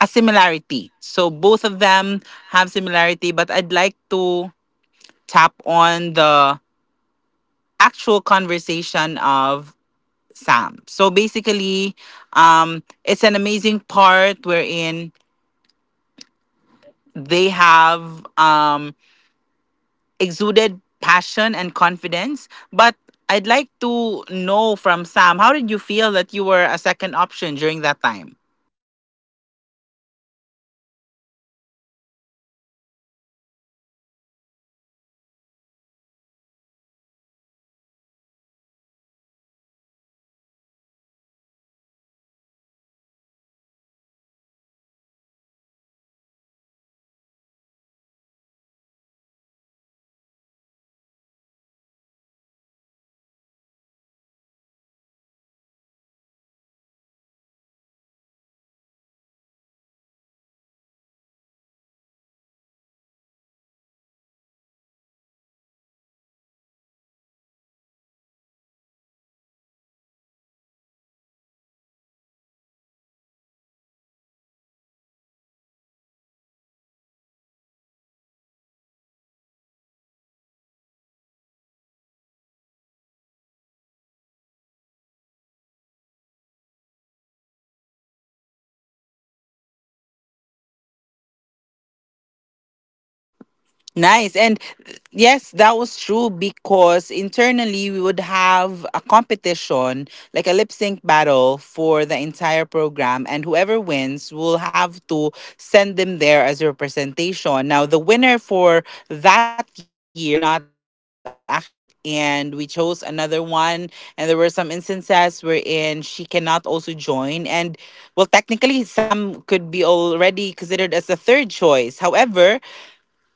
A: a similarity. So both of them have similarity, but I'd like to tap on the actual conversation of Sam. So basically, um, it's an amazing part wherein they have um, exuded passion and confidence. But I'd like to know from Sam, how did you feel that you were a second option during that time?
B: I feel bad at first because I really thought that I will be, uh, there will be no op- no more options, because I really I really prepared myself. I prepared myself, like, um to do training, like, again, um I'm currently studying also that time until now, and I- in that, um studying moments, as, um of mine, I inserted some information, I researched some articles about it that it might be a question, uh, the final question or the preliminary question. But then again, um, I I think of it that, um, maybe, um, an option is not a, like, it's not a downfall for me, because there might be a another time for me to shine. So at that time I felt bad, but then again, I all I said to myself that it's not yet the end or of, um, my journey to be chosen as a represent um as a representation, or to represent our account.
A: Nice.
B: Nice.
A: And
B: And
A: yes,
B: yes,
A: that
B: that
A: was
B: will
A: true because internally we would have a competition, like a lip sync battle for the entire program. And whoever wins will have to send them there as representation. Now, the winner for that year could not actually do it. And we chose another one. And there were some instances wherein she cannot also join. And well, technically, Sam could be already considered as the third choice. However,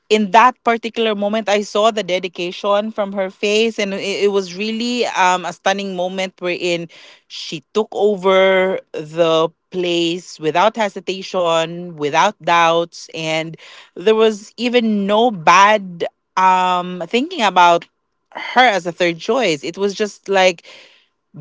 A: in that particular moment I saw the dedication from her face, and it, it was really um, a stunning moment wherein she took over the place without hesitation, without doubts. And there was even no bad um, thinking about her as a third choice. It was just like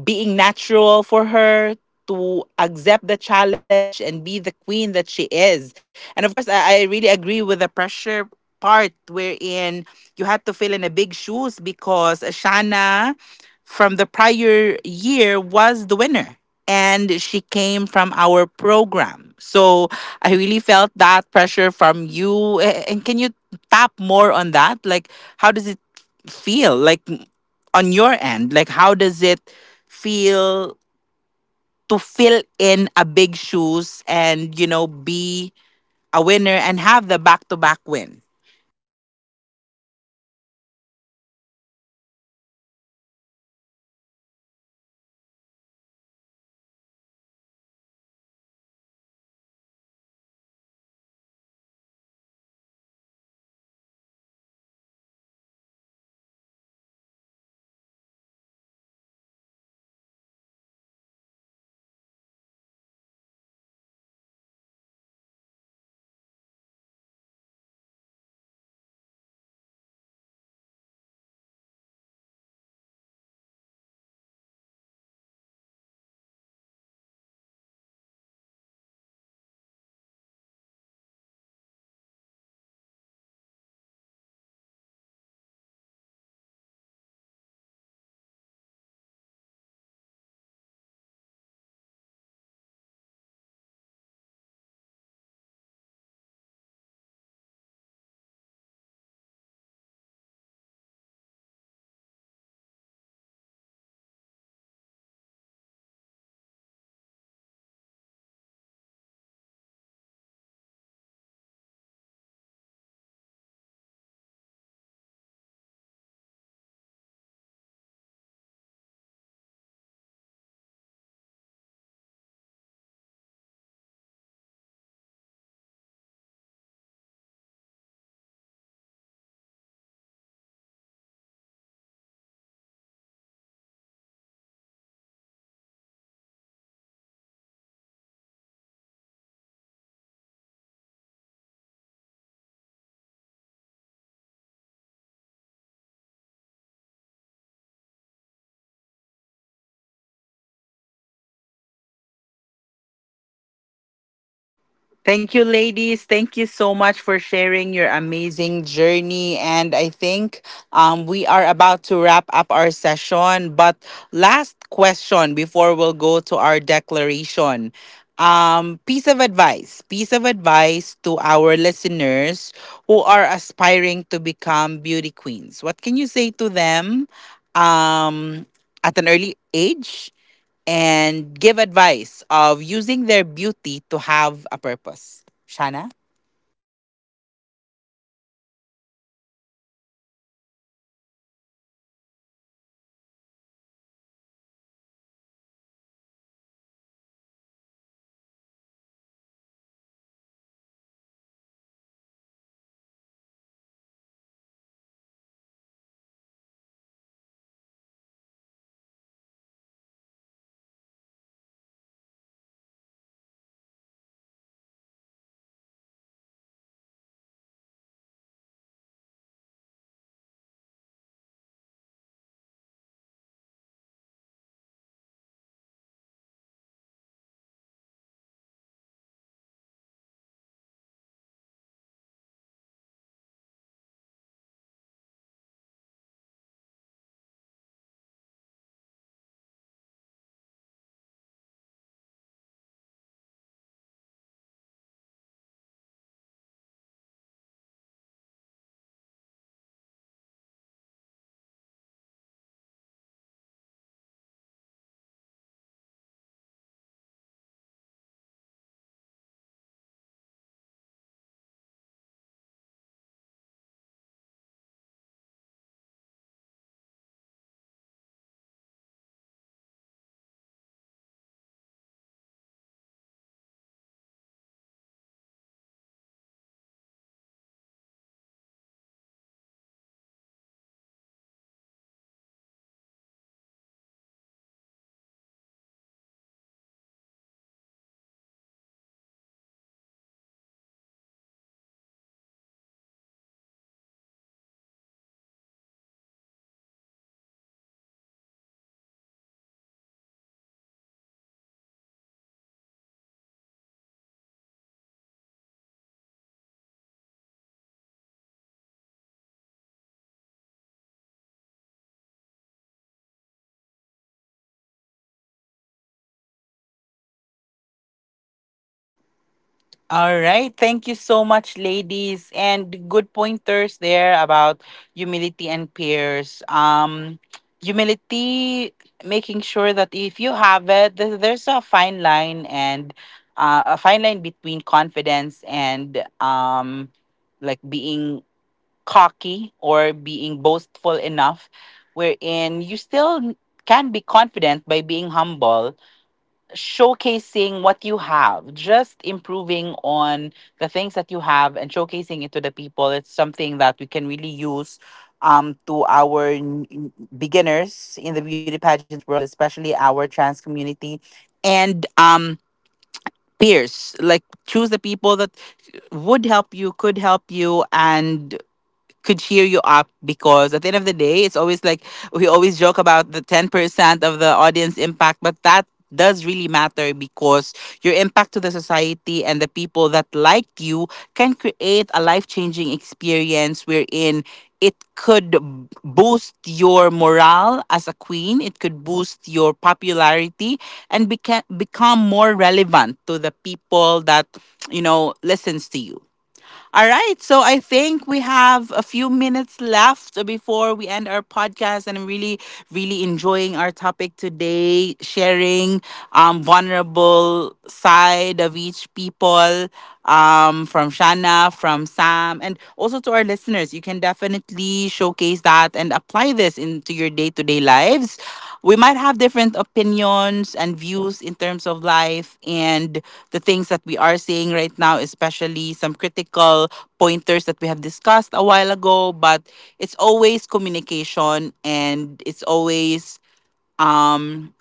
A: being natural for her to accept the challenge and be the queen that she is. And of course, I, I really agree with the pressure part wherein you had to fill in a big shoes because Shana from the prior year was the winner. And she came from our program. So I really felt that pressure from you. A- And can you tap more on that? Like, how does it feel? Like, on your end? Like, how does it feel to fill in a big
B: choose,
A: shoes
B: and
A: and,
B: you
A: you know,
B: know be
A: be
B: a
A: a winner
B: winner
A: and
B: and have
A: have
B: the
A: the
B: back
A: back to
B: to back
A: back
B: win.
A: win?
B: The pressure on me that time is very high, and I really cannot, um, explain it right now because it's mixed emotion. So, in fact, that time, the um, the pressure, like, I always, a- I always um, heard that maybe you, Sam, cannot get the crown, cannot get the back-to-back champion, or cannot um, get um, the title for that. But I took those validation um from other people not to have it negatively, but I ha- I I make it as a positive one to um to make to have myself um boost when it comes to um joining the pageant, because it's it's already, like, for me, a do or die competition. Because it's a do or die, like, dying for the crown and doing all the things that I can do, so that um no matter what it takes, I did my best. Win or lose, it doesn't mean that you are losing. Um you I- i- it doesn't mean that you lose in the competition, it's the end of your journey. But then again, losing is something that it all it will gonna remind you that um it, there's more. You just need more practice, you just need more um things to improve. But then again, with that, um you always you always, um if you win, that's good. Be an inspiration to other people, not be and not be um not so, not someone. That is something that, if you win the crown afterwards of that one, you are someone that you so, uh, someone should look up onto you. It ca- yes, you can be though, but always make um heads down, because at the end of the day, you are someone that you are being supported, mentored, and most of all, who are being praised as the queen.
A: Thank you, ladies. Thank you so much for sharing your amazing journey. And I think um, we are about to wrap up our session. But last question before we'll go to our declaration. Um, piece of advice, piece of advice to our listeners who are aspiring to become beauty queens. What can you say to them um, at an early age, and give advice of using their beauty to have a purpose? Shana?
B: For me, is to be themselves, as what i what, what i said, or what I mentioned in my, during my Q and A um part. Being yourself will not gonna diminish who you are, it will only gonna highlight your true self. So just express who you really are, and you know, everything will just follow. For me, my um advice for those who wanted to join beauty pageants, especially for those um late bloomers out there, um as part of the L G B T community, just, as what Shana mentioned earlier, just be yourself. Be yourself. Show the real you when it comes to you when you are joining pageant. Because if you um show yourself um in front of other people, other people will take that one as an inspiration, and that inspiration, can, can lead into with a can lead with a good direction for them to know that L G B T community is not just about um the colors of the rainbow. It might, yes, we are um colors of the rainbow though, because we are colorful, we have a lot of talents. we are always um we're always, like, in the position, like a teacher, a doctor, a pageant, or a queen that is talking to you right now. That is really something that advise, I, I would advise to the young front runners out there, to be someone, and always again, to have your heads down once you already get the crown. Because if you are that person, if you ha- already have the crown, and if you have those attitude of yours, definitely there's a lot of crowns that w- will be, um that you will be getting someday. Just to add up, Nancy, peer also matters. You know, um, be with the right circle. There are always those people who are gonna bring you down, but on the other hand, there are always those who are gonna support you. Be with them instead.
A: All right. Thank you so much, ladies. And good pointers there about humility and peers. Um, humility, making sure that if you have it, th- there's a fine line, and uh, a fine line between confidence and, um, like, being cocky or being boastful enough, wherein you still can be confident by being humble, showcasing what you have, just improving on the things that you have and showcasing it to the people. It's something that we can really use um, to our n- n- beginners in the beauty pageant world, especially our trans community, and um peers. Like, choose the people that would help you, could help you, and could cheer you up. Because at the end of the day, it's always like, we always joke about the ten percent of the audience impact, but that does really matter because your impact to the society and the people that like you can create a life-changing experience wherein it could b- boost your morale as a queen, it could boost your popularity and beca- become more relevant to the people that, you know, listens to you. All right. So I think we have a few minutes left before we end our podcast. And I'm really, really enjoying our topic today, sharing um, vulnerable side of each people, um, from Shana, from Sam, and also to our listeners. You can definitely showcase that and apply this into your day-to-day lives. We might have different opinions and views in terms of life and the things that we are seeing right now, especially some critical pointers that we have discussed a while ago. But it's always communication, and it's always um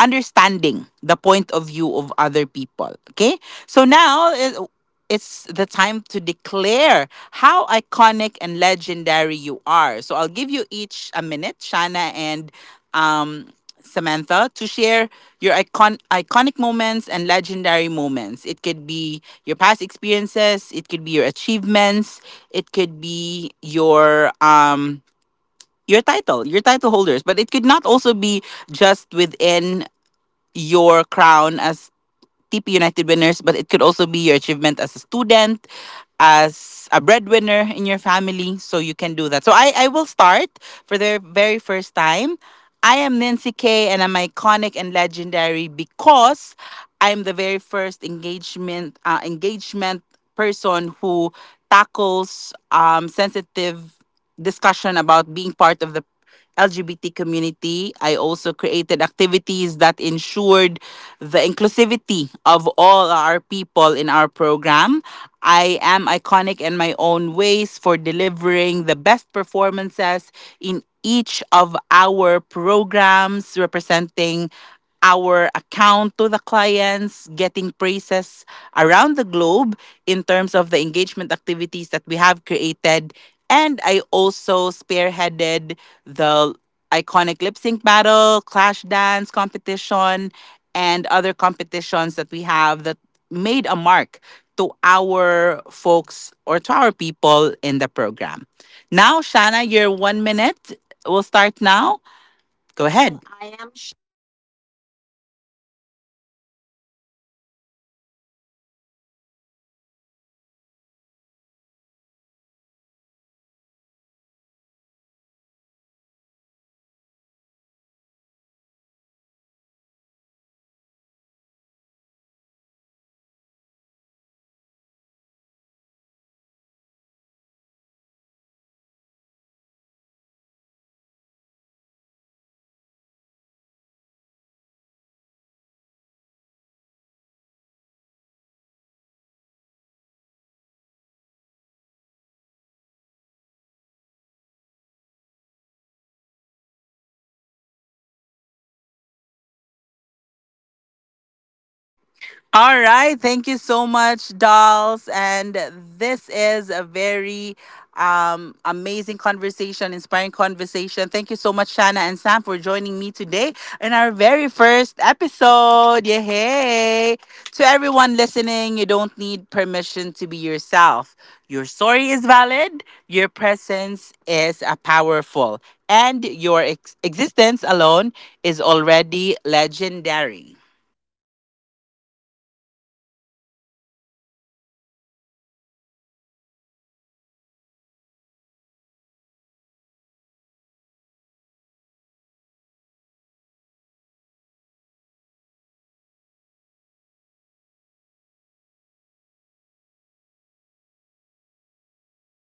A: understanding the point of view of other people. Okay? So now, uh, it's the time to declare how iconic and legendary you are. So I'll give you each a minute, Shana and, um, Samantha, to share your icon- iconic moments and legendary moments. It could be your past experiences, it could be your achievements, it could be your um your title, your title holders, but it could not also be just within your crown as T P United winners, but it could also be your achievement as a student, as a breadwinner in your family. So you can do that. So I, I will start for the very first time. I am Nancy K, and I'm iconic and legendary because I'm the very first engagement uh, engagement person who tackles um, sensitive discussion about being part of the L G B T community. I also created activities that ensured the inclusivity of all our people in our program. I am iconic in my own ways for delivering the best performances in each of our programs, representing our account to the clients, getting praises around the globe in terms of the engagement activities that we have created. And I also spearheaded the iconic lip sync battle, clash dance competition, and other competitions that we have that made a mark to our folks or to our people in the program. Now, Shanna, your one minute will start now. Go
B: Go ahead.
A: ahead.
B: Well, I am Shana. I am legendary and icon- iconic, because I choose responsibilities over pride. I had to stop my studies to be the breadwinner of my pa- family. I chose truth over fear, grace over bitterness, and I continue to rise without losing my softness. Um, lastly, I'm your doll, Shana, your longest reigning Miss T P United twenty three twenty twenty three winner. And mine as well is, I am Samantha. I am legendary and iconic because I turned rejection into resilience, representation into responsibilities, and I wear my truth like a crown. Once again, I am your doll, Sam, your current Miss to Be United twenty twenty five.
A: All right. Thank you so much, dolls. And this is a very um, amazing conversation, inspiring conversation. Thank you so much, Shanna and Sam, for joining me today in our very first episode. Yeah.
B: Hey,
A: Hey. To
B: to
A: everyone
B: everyone
A: listening,
B: listening,
A: you
B: you
A: don't
B: don't need
A: need permission to be yourself. Your story is valid, your presence is a powerful, and your ex- existence alone is already
B: legendary.
A: legendary.
B: If you are still learning to love yourself, be patient. The most beautiful version of you is still unfolding. Never apologize for who you are. The world doesn't need copies, it needs you, and you don't need validation from other people. Just be you, but just be who you are, and everything will follow.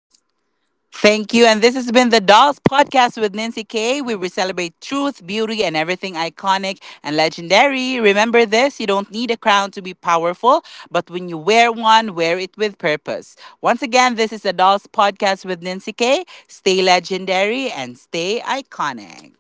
A: Thank you. And this has been the Dolls Podcast with Nancy K, where we celebrate truth, beauty, and everything iconic and legendary. Remember this: you don't need a crown to be powerful, but when you wear one, wear it with purpose. Once again, this is the Dolls Podcast with Nancy K. Stay legendary and stay iconic.